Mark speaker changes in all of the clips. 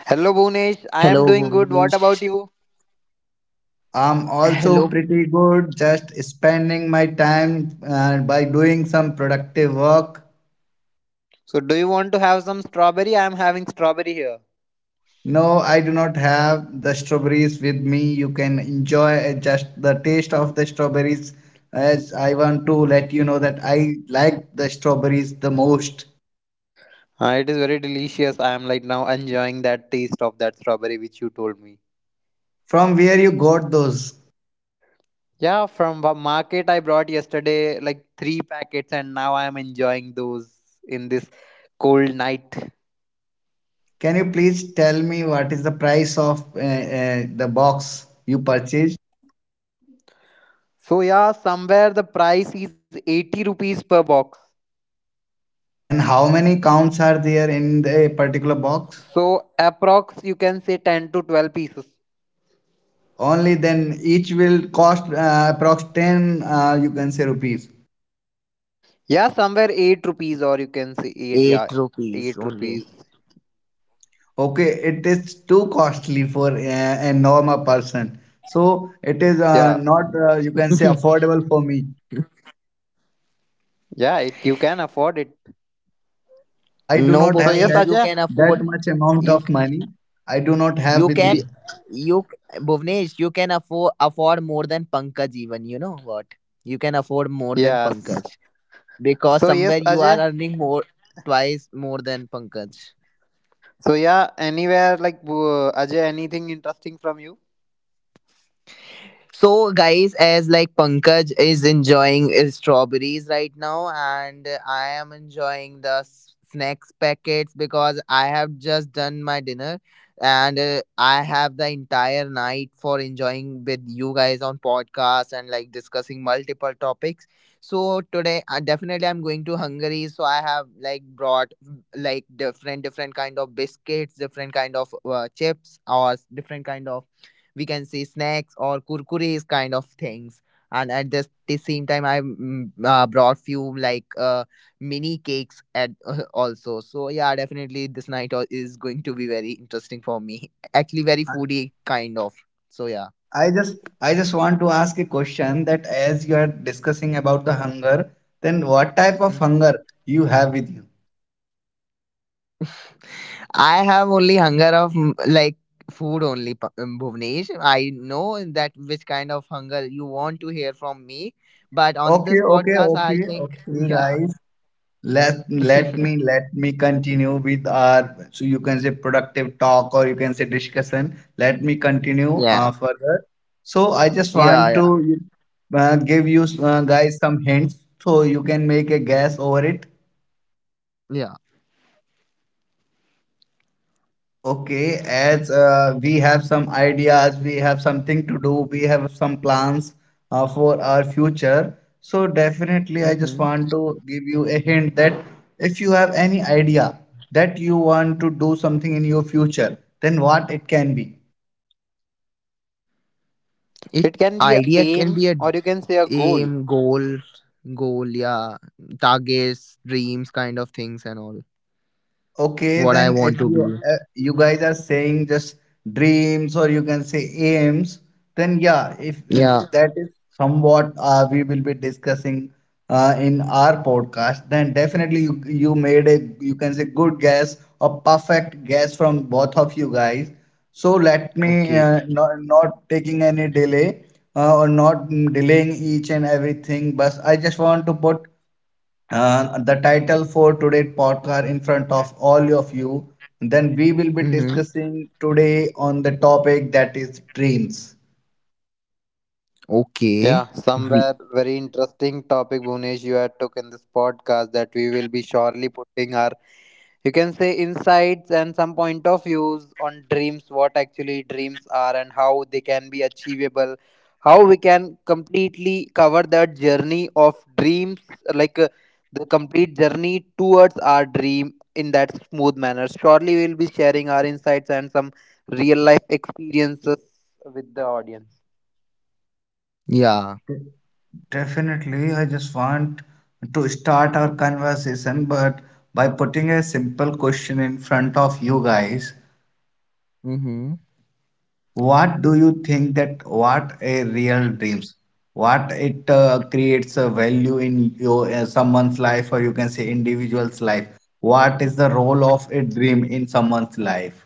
Speaker 1: Hello, Bhunesh. I am
Speaker 2: Hello,
Speaker 1: doing good. What
Speaker 2: Bhuvnesh.
Speaker 1: about you?
Speaker 3: I'm also
Speaker 2: Hello,
Speaker 3: pretty good, just spending my time by doing some productive work.
Speaker 1: So, do you want to have some strawberry? I am having strawberry here.
Speaker 3: No, I do not have the strawberries with me. You can enjoy just the taste of the strawberries as I want to let you know that I like the strawberries the most.
Speaker 1: It is very delicious. I am like now enjoying that taste of that strawberry which you told me.
Speaker 3: From where you got those?
Speaker 1: Yeah, from the market I brought yesterday like three packets, and now I am enjoying those in this cold night.
Speaker 3: Can you please tell me what is the price of the box you purchased?
Speaker 1: So, yeah, somewhere the price is 80 rupees per box.
Speaker 3: And how many counts are there in the particular box?
Speaker 1: So, approx you can say 10 to 12 pieces.
Speaker 3: Only then each will cost approx 10 you can say rupees.
Speaker 1: Yeah, somewhere 8 rupees, or you can say 8, yeah,
Speaker 2: eight
Speaker 1: 8
Speaker 2: rupees
Speaker 1: rupees.
Speaker 2: only.
Speaker 3: Okay, it is too costly for a normal person. So it is
Speaker 1: Yeah.
Speaker 3: not you can say affordable for me.
Speaker 1: Yeah, you can afford it.
Speaker 3: I do
Speaker 2: No,
Speaker 3: not
Speaker 1: So
Speaker 3: have
Speaker 1: yes,
Speaker 2: Bhuvnesh,
Speaker 3: that
Speaker 2: you
Speaker 1: Ajay.
Speaker 2: can
Speaker 3: that
Speaker 2: afford
Speaker 3: much amount
Speaker 2: you
Speaker 3: of
Speaker 2: c-
Speaker 3: money. I do not have
Speaker 2: you
Speaker 3: with
Speaker 2: can
Speaker 1: Y-
Speaker 3: me.
Speaker 2: you c- Bhuvnesh, you can afford more than Pankaj even. You know what? You can afford more than
Speaker 1: Yes.
Speaker 2: Pankaj because
Speaker 1: So
Speaker 2: somewhere
Speaker 1: yes,
Speaker 2: you are
Speaker 1: Ajay.
Speaker 2: earning more twice more than Pankaj.
Speaker 1: So yeah, anywhere like Ajay, anything interesting from you?
Speaker 2: So, guys, as like Pankaj is enjoying his strawberries right now, and I am enjoying the snacks packets because I have just done my dinner, and I have the entire night for enjoying with you guys on podcast and like discussing multiple topics. So, today, definitely, I'm going to Hungary. So, I have like brought like different, different kind of biscuits, different kind of chips, or different kind of, we can say, snacks or kurkures kind of things, and at this the same time I brought few like mini cakes at also. So yeah, definitely this night is going to be very interesting for me actually very foodie kind of, so yeah.
Speaker 3: I just want to ask a question that as you are discussing about the hunger, then what type of hunger
Speaker 2: Mhm.
Speaker 3: you have with you?
Speaker 2: I have only hunger of like food only, Bhuvnesh. I know that which kind of hunger you want to hear from me, but on
Speaker 3: Okay,
Speaker 2: this
Speaker 3: okay,
Speaker 2: podcast, I
Speaker 3: okay,
Speaker 2: think,
Speaker 3: okay,
Speaker 2: yeah,
Speaker 3: guys. Let let me let me continue with our so you can say productive talk or you can say discussion. Let me continue
Speaker 2: yeah,
Speaker 3: further. So I just
Speaker 2: yeah,
Speaker 3: want to
Speaker 2: yeah.
Speaker 3: give you guys some hints so you can make a guess over it.
Speaker 2: Yeah.
Speaker 3: Okay, as we have some ideas, we have something to do, we have some plans for our future. So definitely, I just
Speaker 2: Hmm.
Speaker 3: want to give you a hint that if you have any idea that you want to do something in your future, then what it can be.
Speaker 2: It
Speaker 1: It can be a
Speaker 2: idea can
Speaker 1: aim
Speaker 2: be a
Speaker 1: or you can say a goal.
Speaker 2: aim, goal, yeah, targets, dreams, kind of things, and all.
Speaker 3: Okay,
Speaker 2: What
Speaker 3: then
Speaker 2: I
Speaker 3: if
Speaker 2: want to
Speaker 3: you
Speaker 2: be.
Speaker 3: you guys are saying just dreams or you can say aims, then yeah, if and
Speaker 2: Yeah.
Speaker 3: that is somewhat we will be discussing in our podcast, then definitely you made a you can say good guess or perfect guess from both of you guys. So let me
Speaker 2: Okay.
Speaker 3: not taking any delay or not delaying each and everything, but I just want to put the title for today's podcast in front of all of you. Then we will be
Speaker 2: Mm-hmm.
Speaker 3: discussing today on the topic that is dreams.
Speaker 2: Okay.
Speaker 1: Yeah,
Speaker 2: Re-
Speaker 1: somewhere very interesting topic, Bhunesh, you had took in this podcast that we will be surely putting our, you can say, insights and some point of views on dreams, what actually dreams are and how they can be achievable, how we can completely cover that journey of dreams, like uh, the complete journey towards our dream in that smooth manner. Surely we'll be sharing our insights and some real life experiences with the audience.
Speaker 2: yeah.
Speaker 3: Definitely, I just want to start our conversation, but by putting a simple question in front of you guys.
Speaker 2: Mm-hmm.
Speaker 3: What do you think that what a real dreams what it creates a value in your someone's life or you can say individual's life? What is the role of a dream in someone's life?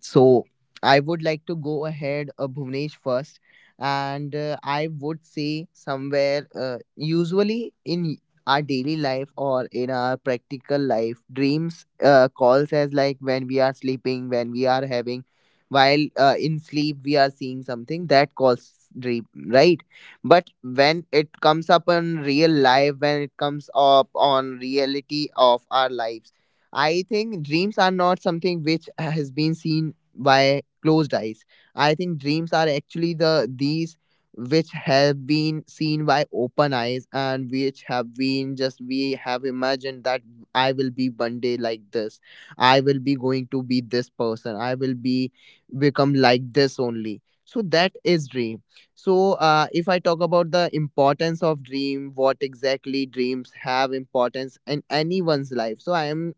Speaker 2: So I would like to go ahead, Bhuvnesh first, and I would say somewhere usually in our daily life or in our practical life, dreams calls as like when we are sleeping, when we are having, while in sleep we are seeing something that calls dream, right? But when it comes up on real life, when it comes up on reality of our lives. I think dreams are not something which has been seen by closed eyes. I think dreams are actually the these which have been seen by open eyes, and which have been, just we have imagined that I will be one day like this. I will be going to be this person. I will be become like this only. So that is dream. So if I talk about the importance of dream, what exactly dreams have importance in anyone's life. So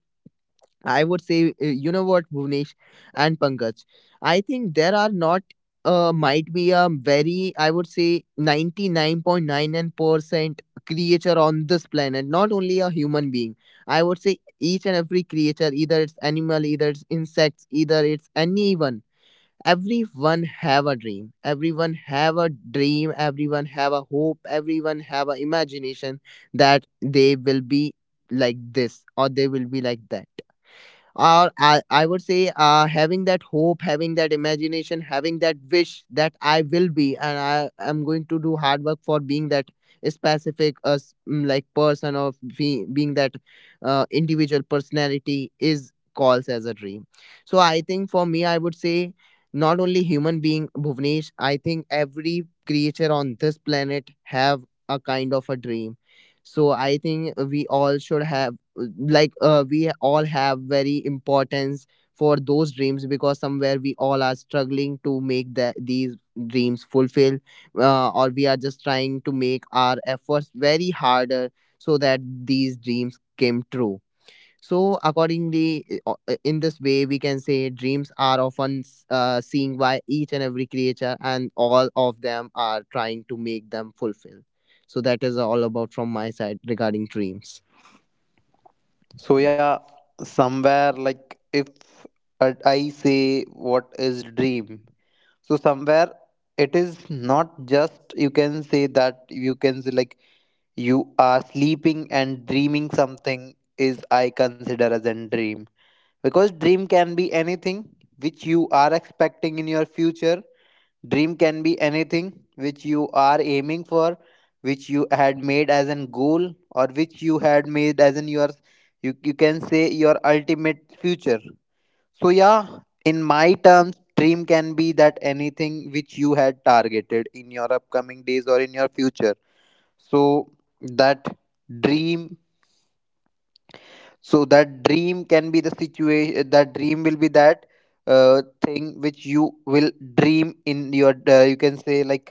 Speaker 2: I would say, you know what, Bhuvnesh and Pankaj, I think there are not, might be a very, I would say, 99.99% creature on this planet, not only a human being. I would say each and every creature, either it's animal, either it's insects, either it's anyone. Everyone have a dream. Everyone have a dream. Everyone have a hope. Everyone have a imagination that they will be like this, or they will be like that, or I would say, having that hope, having that imagination, having that wish that I will be, and I am going to do hard work for being that specific like person, or being that individual personality is calls as a dream. So I think for me, I would say not only human being, Bhuvnesh, I think every creature on this planet have a kind of a dream. So I think we all should have like, we all have very importance for those dreams, because somewhere we all are struggling to make these dreams fulfill, or we are just trying to make our efforts very harder so that these dreams came true. So accordingly, in this way we can say dreams are often seen by each and every creature, and all of them are trying to make them fulfill. So that is all about from my side regarding dreams.
Speaker 1: So yeah, somewhere like if I say what is dream, so somewhere it is not just, you can say, that you can say like you are sleeping and dreaming something is I consider as a dream, because dream can be anything which you are expecting in your future. Dream can be anything which you are aiming for, which you had made as an goal, or which you had made as in your you can say your ultimate future. So yeah, in my terms, dream can be that anything which you had targeted in your upcoming days or in your future. So that dream so that dream can be the situation. That dream will be that thing which you will dream in your. You can say like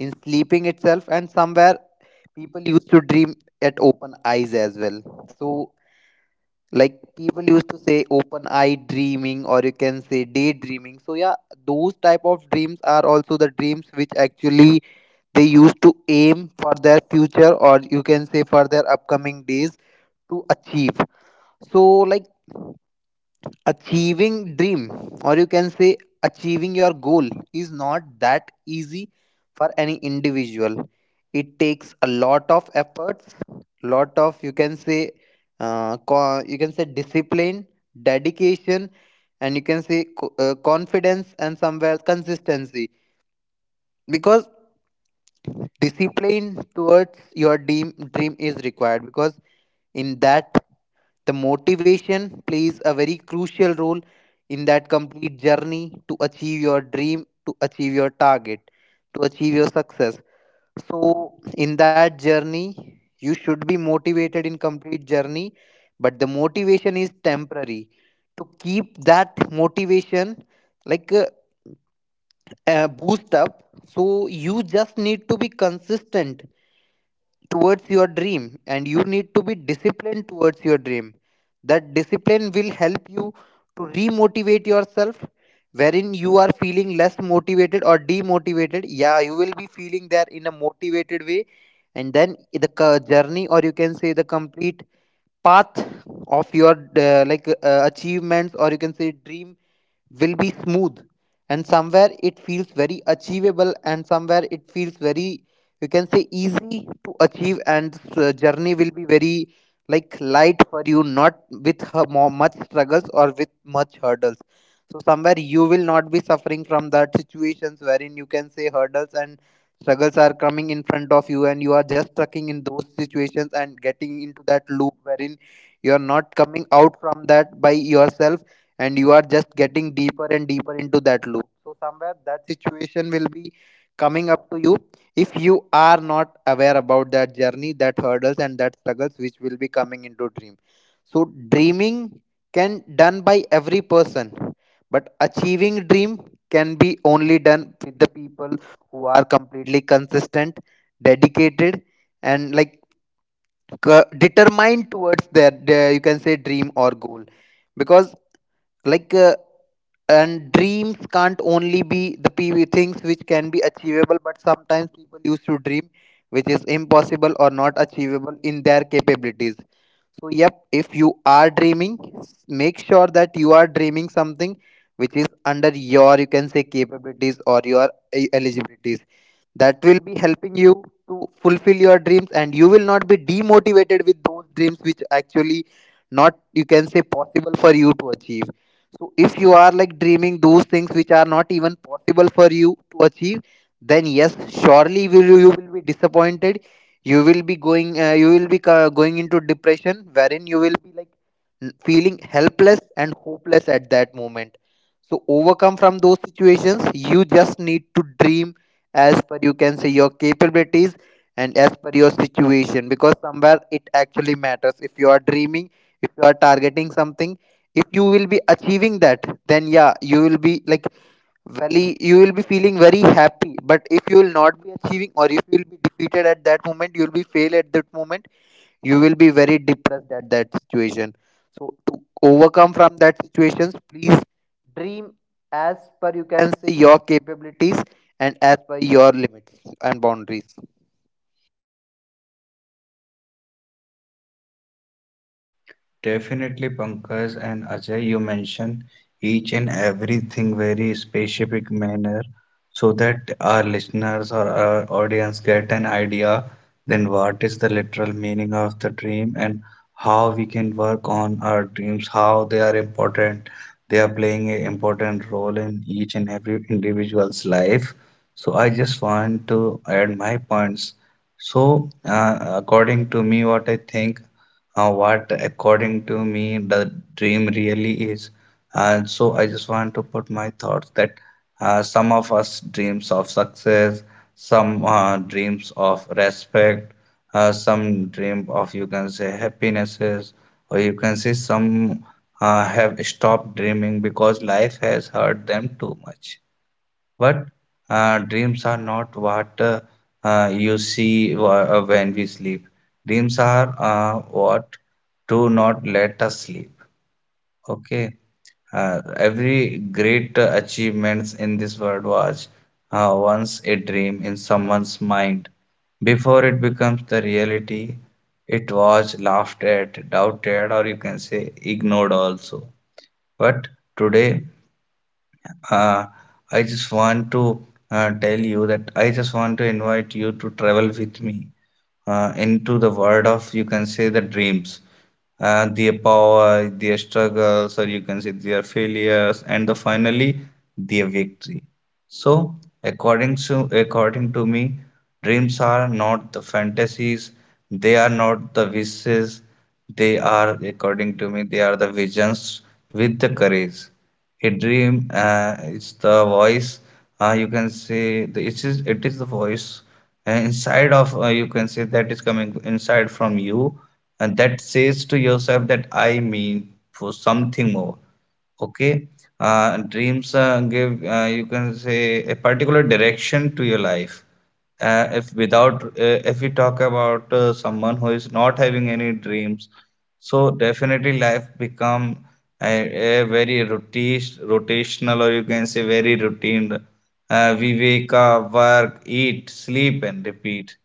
Speaker 1: in sleeping itself, and somewhere people used to dream at open eyes as well. So like people used to say open eye dreaming, or you can say daydreaming. So yeah, those type of dreams are also the dreams which actually they used to aim for their future, or you can say for their upcoming days to achieve. So like achieving dream, or you can say achieving your goal, is not that easy for any individual. It takes a lot of efforts, lot of, you can say, you can say discipline, dedication, and you can say confidence, and somewhere consistency. Because discipline towards your dream is required, because in that the motivation plays a very crucial role in that complete journey to achieve your dream, to achieve your target, to achieve your success. So, in that journey, you should be motivated in complete journey, but the motivation is temporary. To keep that motivation like uh, boost up, so you just need to be consistent towards your dream and you need to be disciplined towards your dream. That discipline will help you to remotivate yourself wherein you are feeling less motivated or demotivated. Yeah, you will be feeling there in a motivated way. And then the journey, or you can say the complete path of your achievements, or you can say dream, will be smooth, and somewhere it feels very achievable, and somewhere it feels very, you can say, easy to achieve. And journey will be very like light for you, not with her more, much struggles or with much hurdles. So somewhere you will not be suffering from that situations wherein, you can say, hurdles and struggles are coming in front of you, and you are just stucking in those situations and getting into that loop wherein you are not coming out from that by yourself, and you are just getting deeper and deeper into that loop. So somewhere that situation will be coming up to you if you are not aware about that journey, that hurdles and that struggles which will be coming into dream. So dreaming can done by every person, but achieving dream can be only done with the people who are completely consistent, dedicated, and like determined towards their you can say dream or goal. Because like uh, and dreams can't only be the PV things which can be achievable, but sometimes people used to dream which is impossible or not achievable in their capabilities. So, yep, if you are dreaming, make sure that you are dreaming something which is under your, you can say, capabilities or your eligibilities, that will be helping you to fulfill your dreams, and you will not be demotivated with those dreams which actually not, you can say, possible for you to achieve. So if you are like dreaming those things which are not even possible for you to achieve, then yes, surely will you will be disappointed. You will be going into depression wherein you will be like feeling helpless and hopeless at that moment. So overcome from those situations, you just need to dream as per, you can say, your capabilities and as per your situation, because somewhere it actually matters. If you are dreaming, if you are targeting something, if you will be achieving that, then yeah, you will be like very, you will be feeling very happy. But if you will not be achieving, or if you will be defeated at that moment, you will be fail at that moment, you will be very depressed at that situation. So to overcome from that situations, please dream as per, you can say, your capabilities, and as per your limits and boundaries.
Speaker 3: Definitely, Pankaj and Ajay, you mention each and everything very specific manner so that our listeners or our audience get an idea then what is the literal meaning of the dream and how we can work on our dreams, how they are important, they are playing an important role in each and every individual's life. So I just want to add my points. So, according to me, what I think what according to me the dream really is. And so I just want to put my thoughts that some of us dreams of success, some dreams of respect, some dream of you can say happinesses or you can say some have stopped dreaming because life has hurt them too much. But dreams are not what you see when we sleep. Dreams are what do not let us sleep. Okay. Every great achievements in this world was once a dream in someone's mind. Before it becomes the reality, it was laughed at, doubted, or you can say ignored also. But today, uh, I just want to tell you that I just want to invite you to travel with me into the world of, you can say, the dreams, their power, their struggles, or you can say their failures, and the finally their victory. So, according to me, dreams are not the fantasies, they are not the wishes, they are, according to me, they are the visions with the courage. A dream is the voice, you can say the, it is the voice inside of you can say that is coming inside from you and that says to yourself that I mean for something more. Okay. Dreams give you can say a particular direction to your life. If without if we talk about someone who is not having any dreams, so definitely life become a very rotation, rotational or you can say very routine. We wake up, work, eat, sleep, and repeat.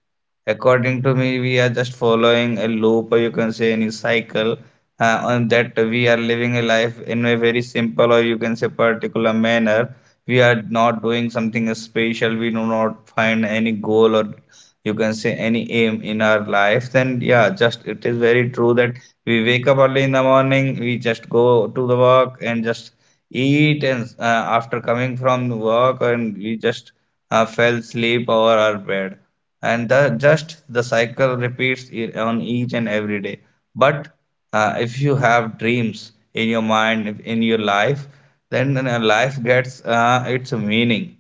Speaker 3: According to me, we are just following a loop, or you can say any cycle, on that we are living a life in a very simple, or you can say particular manner. We are not doing something special. We do not find any goal, or you can say any aim in our life. Then yeah, just it is very true that we wake up early in the morning. We just go to the work and just eat, and after coming from the work, and we just fell asleep over our bed and the, just the cycle repeats on each and every day. But if you have dreams in your mind, in your life, then life gets its meaning.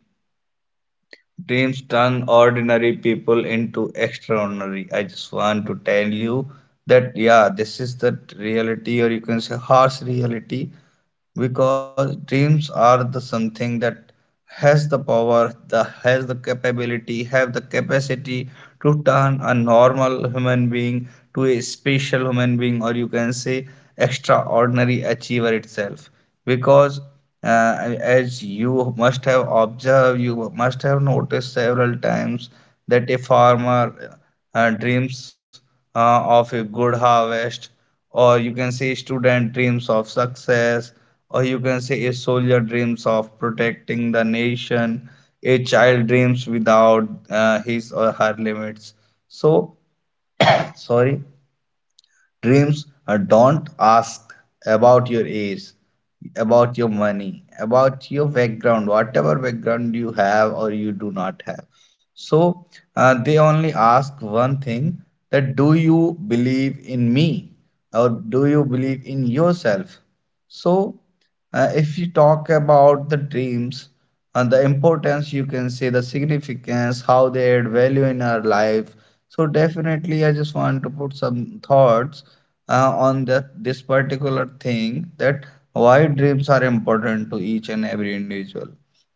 Speaker 3: Dreams turn ordinary people into extraordinary. I just want to tell you that yeah, this is the reality or you can say harsh reality because dreams are the something that has the capability, have the capacity to turn a normal human being to a special human being or you can say extraordinary achiever itself because as you must have observed, you must have noticed several times that a farmer dreams of a good harvest, or you can say student dreams of success, or you can say a soldier dreams of protecting the nation, a child dreams without his or her limits. So sorry, dreams don't ask about your age, about your money, about your background, whatever background you have or you do not have. So they only ask one thing, that do you believe in me or do you believe in yourself? So if you talk about the dreams and the importance, you can say the significance, how they add value in our life. So definitely, I just want to put some thoughts on that this particular thing that why dreams are important to each and every individual.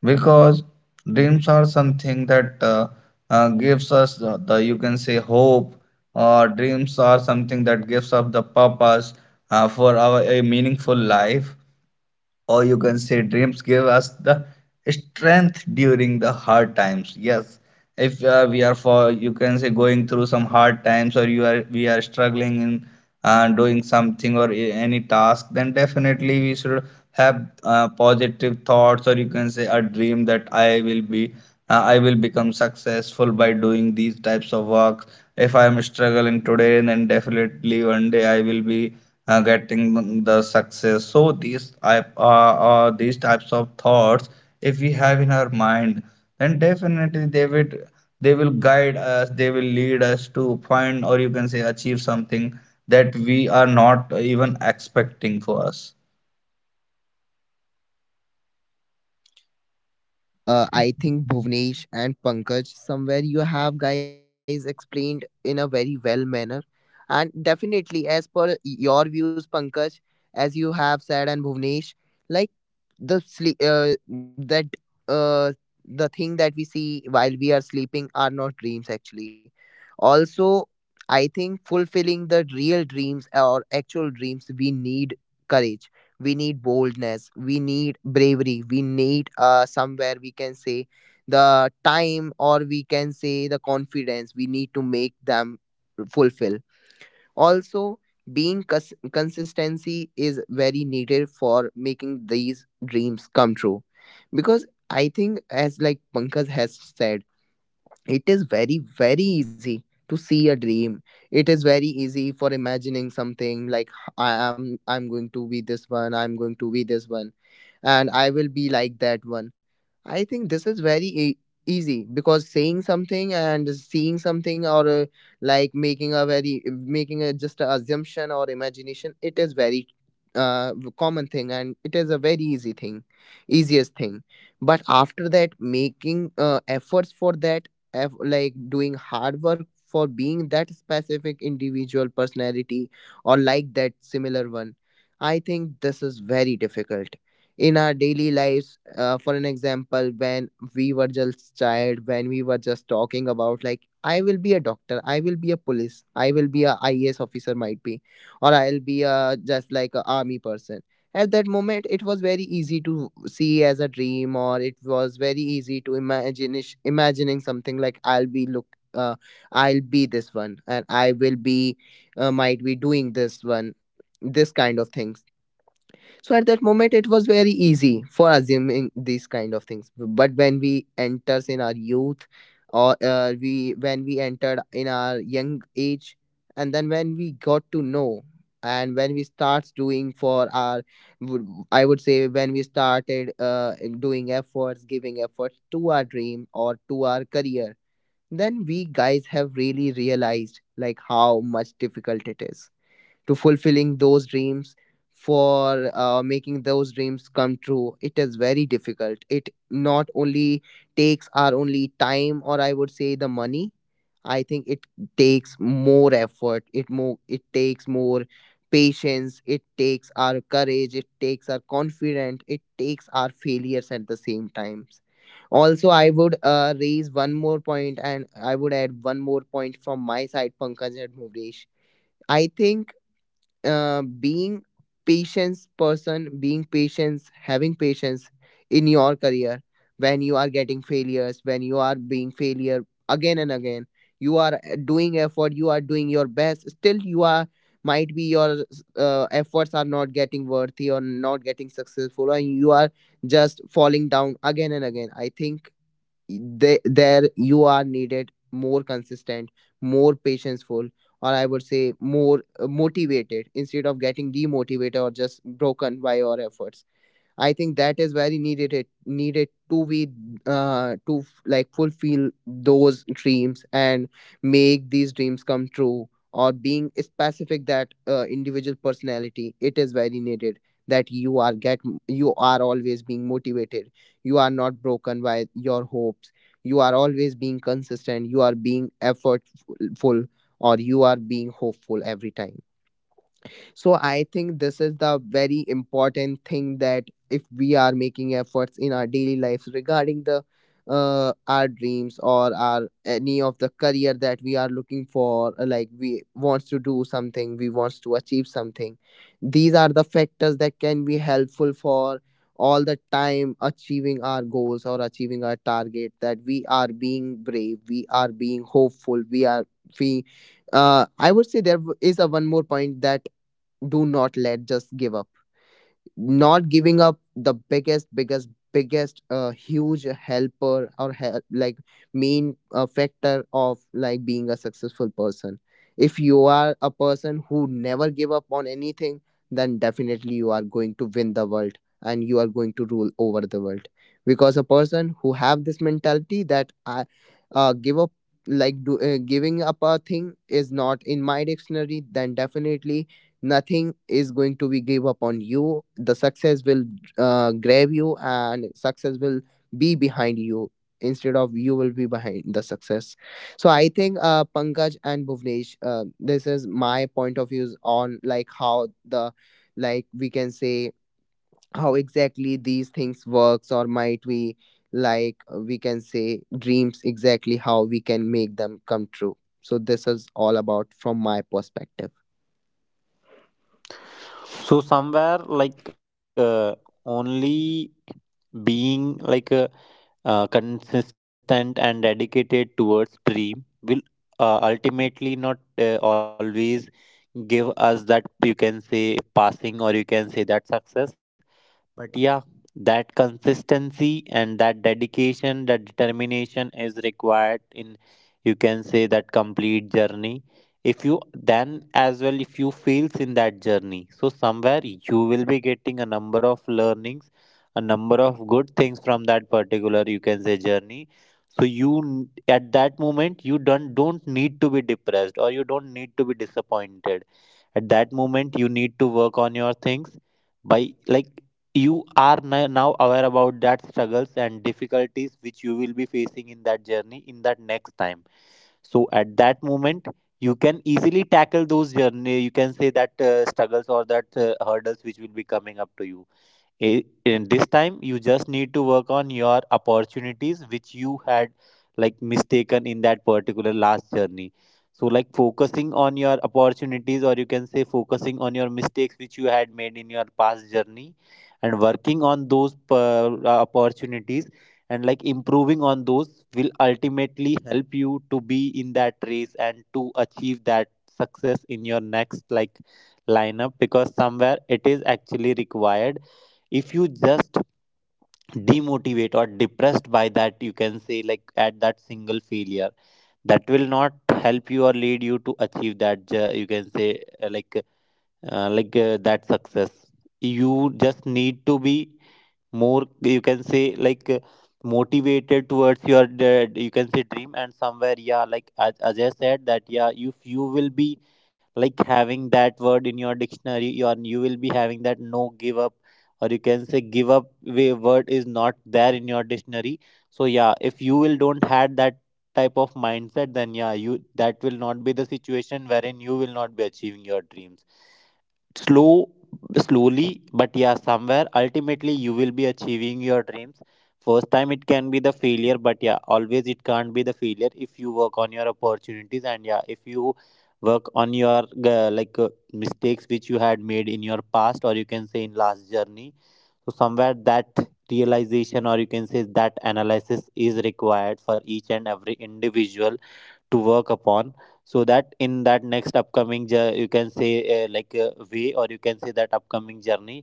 Speaker 3: Because dreams are something that gives us the you can say hope. Or dreams are something that gives us the purpose for our a meaningful life or you can say dreams give us the strength during the hard times. Yes, if we are for you can say going through some hard times or you are we are struggling in doing something or any task, then definitely we should have positive thoughts or you can say a dream that I will be I will become successful by doing these types of work. If I am struggling today, then definitely one day I will be getting the success. So these these types of thoughts if we have in our mind, then definitely they will guide us, they will lead us to find or you can say achieve something that we are not even expecting for us.
Speaker 2: So I think Bhuvnesh and Pankaj, somewhere you have guys explained in a very well manner, and definitely as per your views, Pankaj, as you have said, and Bhuvnesh, like the sleep uh, that uh, the thing that we see while we are sleeping are not dreams actually. Also, I think fulfilling the real dreams or actual dreams, we need courage, we need boldness, we need bravery, we need, somewhere we can say, the time, or we can say, the confidence, we need to make them fulfill. Also, being consistency is very needed for making these dreams come true. Because I think, as like Pankaj has said, it is very, very easy to see a dream. It is very easy for imagining something like, I'm going to be this one, I'm going to be this one, and I will be like that one. I think this is very easy, because saying something and seeing something, or like making a just a assumption or imagination, it is very common thing, and it is a very easy thing, easiest thing. But after that, making efforts for that, like doing hard work for being that specific individual personality, or like that similar one, I think this is very difficult. In our daily lives, for an example, when we were just child, when we were just talking about like, I will be a doctor, I will be a police, I will be a IAS officer, might be, or I'll be a just like a army person. At that moment, it was very easy to see as a dream, or it was very easy to imagine, imagining something like, I'll be look, uh, I'll be this one, and I will be, might be doing this one, this kind of things. So at that moment, it was very easy for assuming these kind of things. But when we enters in our youth, or we when we entered in our young age, and then when we got to know, and when we starts doing for our, I would say when we started doing efforts, giving efforts to our dream or to our career, then we guys have really realized like how much difficult it is to fulfilling those dreams. For making those dreams come true, it is very difficult. It not only takes our only time, or I would say the money. I think it takes more effort, it takes more patience, it takes our courage, it takes our confidence, it takes our failures at the same times. Also, I would raise one more point, and I would add one more point from my side, Pankaj and Bhuvnesh. I think being patience person, being patience, having patience in your career, when you are getting failures, when you are being failure again and again, you are doing effort, you are doing your best, still you are might be your efforts are not getting worthy or not getting successful, and you are just falling down again and again. I think there you are needed more consistent, more patientful, or I would say more motivated, instead of getting demotivated or just broken by your efforts. I think that is very needed, it needed to be like fulfill those dreams and make these dreams come true, or being specific that individual personality. It is very needed that you are always being motivated, you are not broken by your hopes, you are always being consistent, you are being effortful, or you are being hopeful every time. So I think this is the very important thing that if we are making efforts in our daily lives regarding the, our dreams or our any of the career that we are looking for, like we wants to do something, we wants to achieve something, these are the factors that can be helpful for all the time achieving our goals or achieving our target, that we are being brave, we are being hopeful, we are we I would say there is a one more point, that do not let just give up. Not giving up, the biggest biggest biggest huge helper, or help, like main factor of like being a successful person. If you are a person who never give up on anything, then definitely you are going to win the world, and you are going to rule over the world, because a person who have this mentality that I give up, like giving up a thing is not in my dictionary, then definitely nothing is going to be give up on you, the success will grab you, and success will be behind you, instead of you will be behind the success. So I think, Pankaj and Bhuvnesh, this is my point of views on like how the, like we can say, how exactly these things works, or might we, like, we can say, dreams exactly how we can make them come true. So this is all about from my perspective.
Speaker 1: So sometimes uh, only being like a consistent and dedicated towards dream will ultimately not always give us that, you can say, passing, or you can say that success. But yeah, that consistency and that dedication, that determination is required in, you can say, that complete journey. If you then as well, if you fails in that journey, so somewhere you will be getting a number of learnings, a number of good things from that particular, you can say, journey. So you at that moment you don't need to be depressed, or you don't need to be disappointed at that moment. You need to work on your things by like you are now aware about that struggles and difficulties which you will be facing in that journey in that next time. So at that moment, you can easily tackle those journey, you can say that struggles or that hurdles which will be coming up to you. In this time you just need to work on your opportunities which you had like mistaken in that particular last journey. So like focusing on your opportunities, or you can say focusing on your mistakes which you had made in your past journey, and working on those opportunities, and like improving on those will ultimately help you to be in that race and to achieve that success in your next like lineup, because somewhere it is actually required. If you just demotivate or depressed by that, you can say, like at that single failure, that will not help you or lead you to achieve that you can say that success. You just need to be more, you can say, like motivated towards your you can say dream. And somewhere, yeah, like as Ajay said, that yeah, if you will be like having that word in your dictionary, you will be having that no give up, or you can say give up way word is not there in your dictionary. So yeah, if you will don't had that type of mindset, then yeah, you that will not be the situation wherein you will not be achieving your dreams. Slow slowly but yeah, somewhere ultimately you will be achieving your dreams. First time it can be the failure, but yeah, always it can't be the failure if you work on your opportunities. And yeah, if you work on your mistakes which you had made in your past, or you can say in last journey. So somewhere that realization, or you can say that analysis, is required for each and every individual to work upon, so that in that next upcoming you can say way, or you can say that upcoming journey,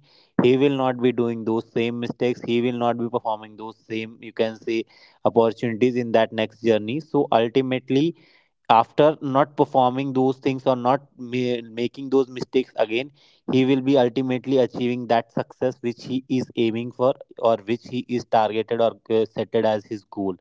Speaker 1: he will not be doing those same mistakes. He will not be performing those same, you can say, opportunities in that next journey. So ultimately, after not performing those things or not making those mistakes again, he will be ultimately achieving that success which he is aiming for, or which he is targeted, or set it as his goal.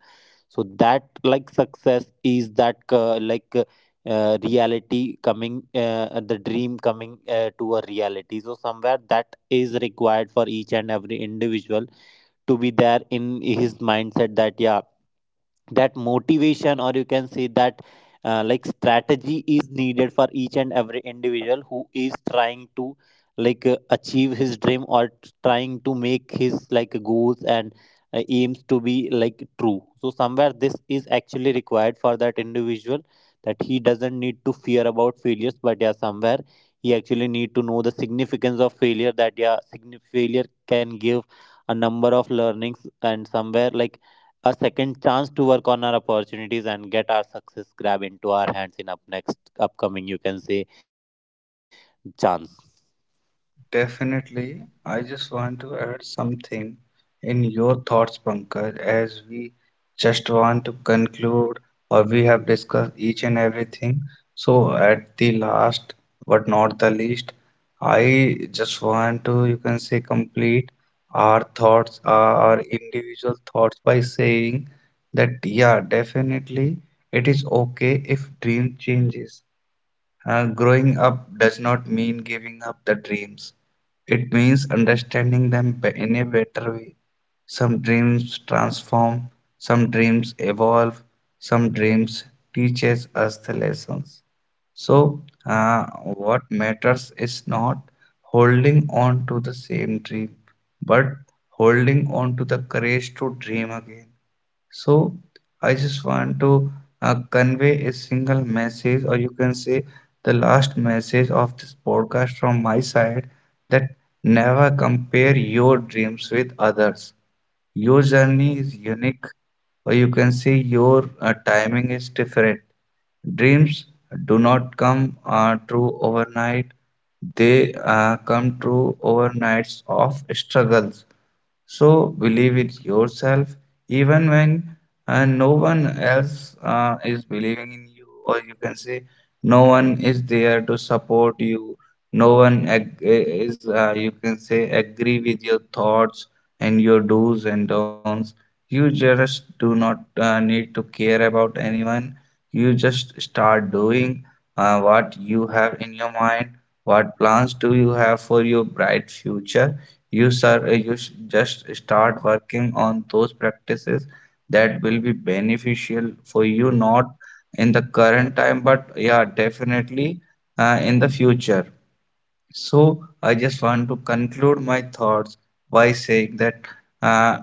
Speaker 1: So that like success is that reality coming, the dream coming to a reality. So somewhere that is required for each and every individual, to be there in his mindset that yeah, that motivation, or you can say that like strategy, is needed for each and every individual who is trying to like achieve his dream, or trying to make his like goals and aims to be like true. So somewhere this is actually required for that individual, that he doesn't need to fear about failures, but yeah, somewhere he actually need to know the significance of failure. That yeah, failure can give a number of learnings and somewhere like a second chance to work on our opportunities and get our success grab into our hands in up next upcoming, you can say, chance.
Speaker 3: Definitely. I just want to add something in your thoughts, Pankaj, as we just want to conclude or we have discussed each and everything. So, at the last but not the least, I just want to, you can say, complete our thoughts, our individual thoughts by saying that, yeah, definitely it is okay if dream changes. Growing up does not mean giving up the dreams. It means understanding them in a better way. Some dreams transform, some dreams evolve, some dreams teaches us the lessons. So, what matters is not holding on to the same dream, but holding on to the courage to dream again. So I just want to convey a single message, or you can say the last message of this podcast from my side that never compare your dreams with others. Your journey is unique, or you can say your timing is different. Dreams do not come true overnight, they come true overnights of struggles, so believe it yourself, even when no one else is believing in you, or you can say no one is there to support you. No one is, you can say, agree with your thoughts and your do's and don'ts. You just do not need to care about anyone. You just start doing what you have in your mind. What plans do you have for your bright future? You, sir, just start working on those practices that will be beneficial for you, not in the current time, but yeah, definitely in the future. So, I just want to conclude my thoughts by saying that. Uh,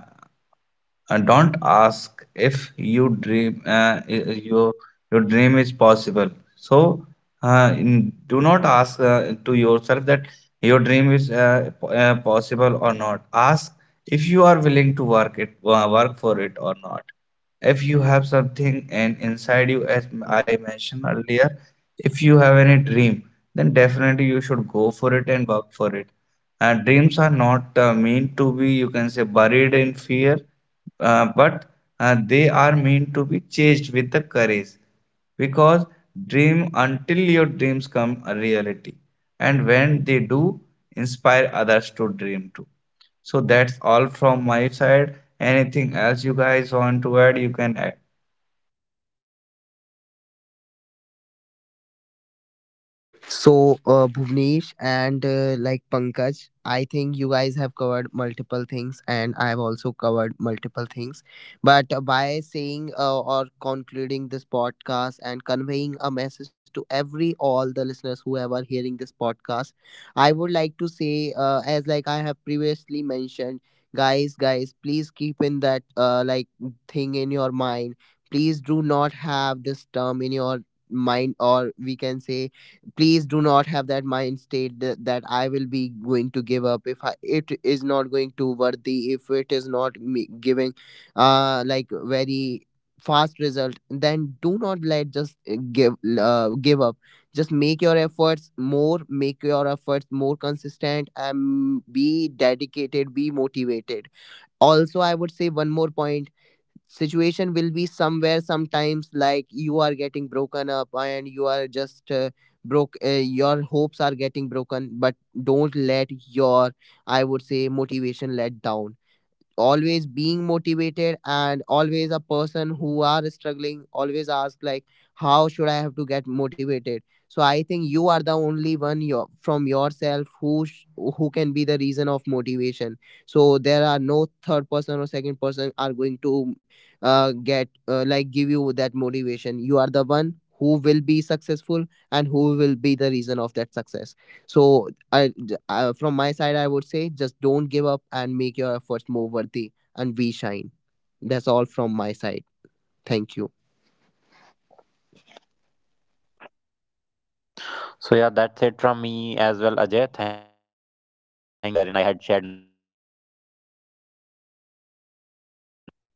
Speaker 3: don't ask if you dream your your dream is possible. So do not ask to yourself that your dream is possible or not. Ask if you are willing to work for it or not. If you have something and inside you, as I mentioned earlier, if you have any dream, then definitely you should go for it and work for it. And dreams are not meant to be you can say buried in fear, but they are meant to be chased with the courage because dream until your dreams come a reality, and when they do, inspire others to dream too. So that's all from my side. Anything else you guys want to add, you can add.
Speaker 2: So, Bhuvnesh and, like Pankaj, I think you guys have covered multiple things, and I've also covered multiple things. But by saying, or concluding this podcast and conveying a message to every all the listeners who are hearing this podcast, I would like to say, as like I have previously mentioned, guys, guys, please keep in that, like, thing in your mind. Please do not have this term in your mind, or we can say, please do not have that mind state that, I will be going to give up, if I, it is not going to worthy, if it is not me giving like very fast result, then do not let just give up. Just make your efforts more, make your efforts more consistent, and be dedicated, be motivated. Also, I would say one more point. Situation will be somewhere sometimes like, you are getting broken up, and you are just broke, your hopes are getting broken, but don't let your, I would say, motivation let down. Always being motivated, and always a person who are struggling always ask like, how should I have to get motivated. So I think you are the only one, your, from yourself, who who can be the reason of motivation. So there are no third person or second person are going to get, like, give you that motivation. You are the one who will be successful and who will be the reason of that success. So from my side, I would say, just don't give up and make your efforts more worthy, and we shine. That's all from my side. Thank you.
Speaker 1: So yeah, that's it from me as well, Ajay. Thank you for inviting me into this podcast and like putting me in this wherein I had shared my point of views to the audience. Thank you.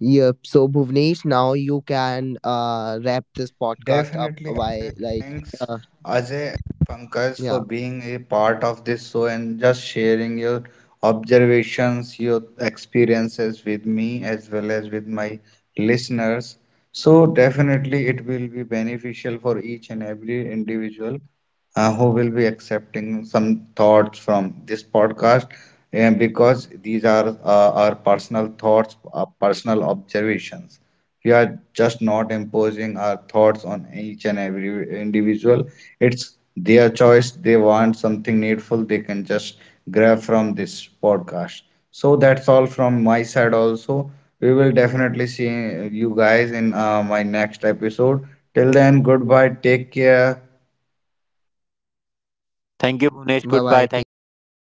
Speaker 2: Yep. So Bhuvnesh, now you can wrap this podcast up
Speaker 3: Definitely, Ajay.
Speaker 2: by
Speaker 3: Thanks,
Speaker 2: uh
Speaker 3: Ajay and Pankaj, for
Speaker 2: yeah.
Speaker 3: being a part of this show and just sharing your observations, your experiences with me as well as with my listeners. So, definitely, it will be beneficial for each and every individual who will be accepting some thoughts from this podcast and because these are our personal thoughts, personal observations, we are just not imposing our thoughts on each and every individual. It's their choice, they want something needful, they can just grab from this podcast. So that's all from my side also. We will definitely see you guys in my next episode. Till then, goodbye, take care.
Speaker 1: Thank you, Bhunesh. Goodbye.
Speaker 2: Bye
Speaker 1: Thank
Speaker 2: bye.
Speaker 1: you,
Speaker 2: Take
Speaker 1: Ajay.
Speaker 2: care.
Speaker 1: Goodbye.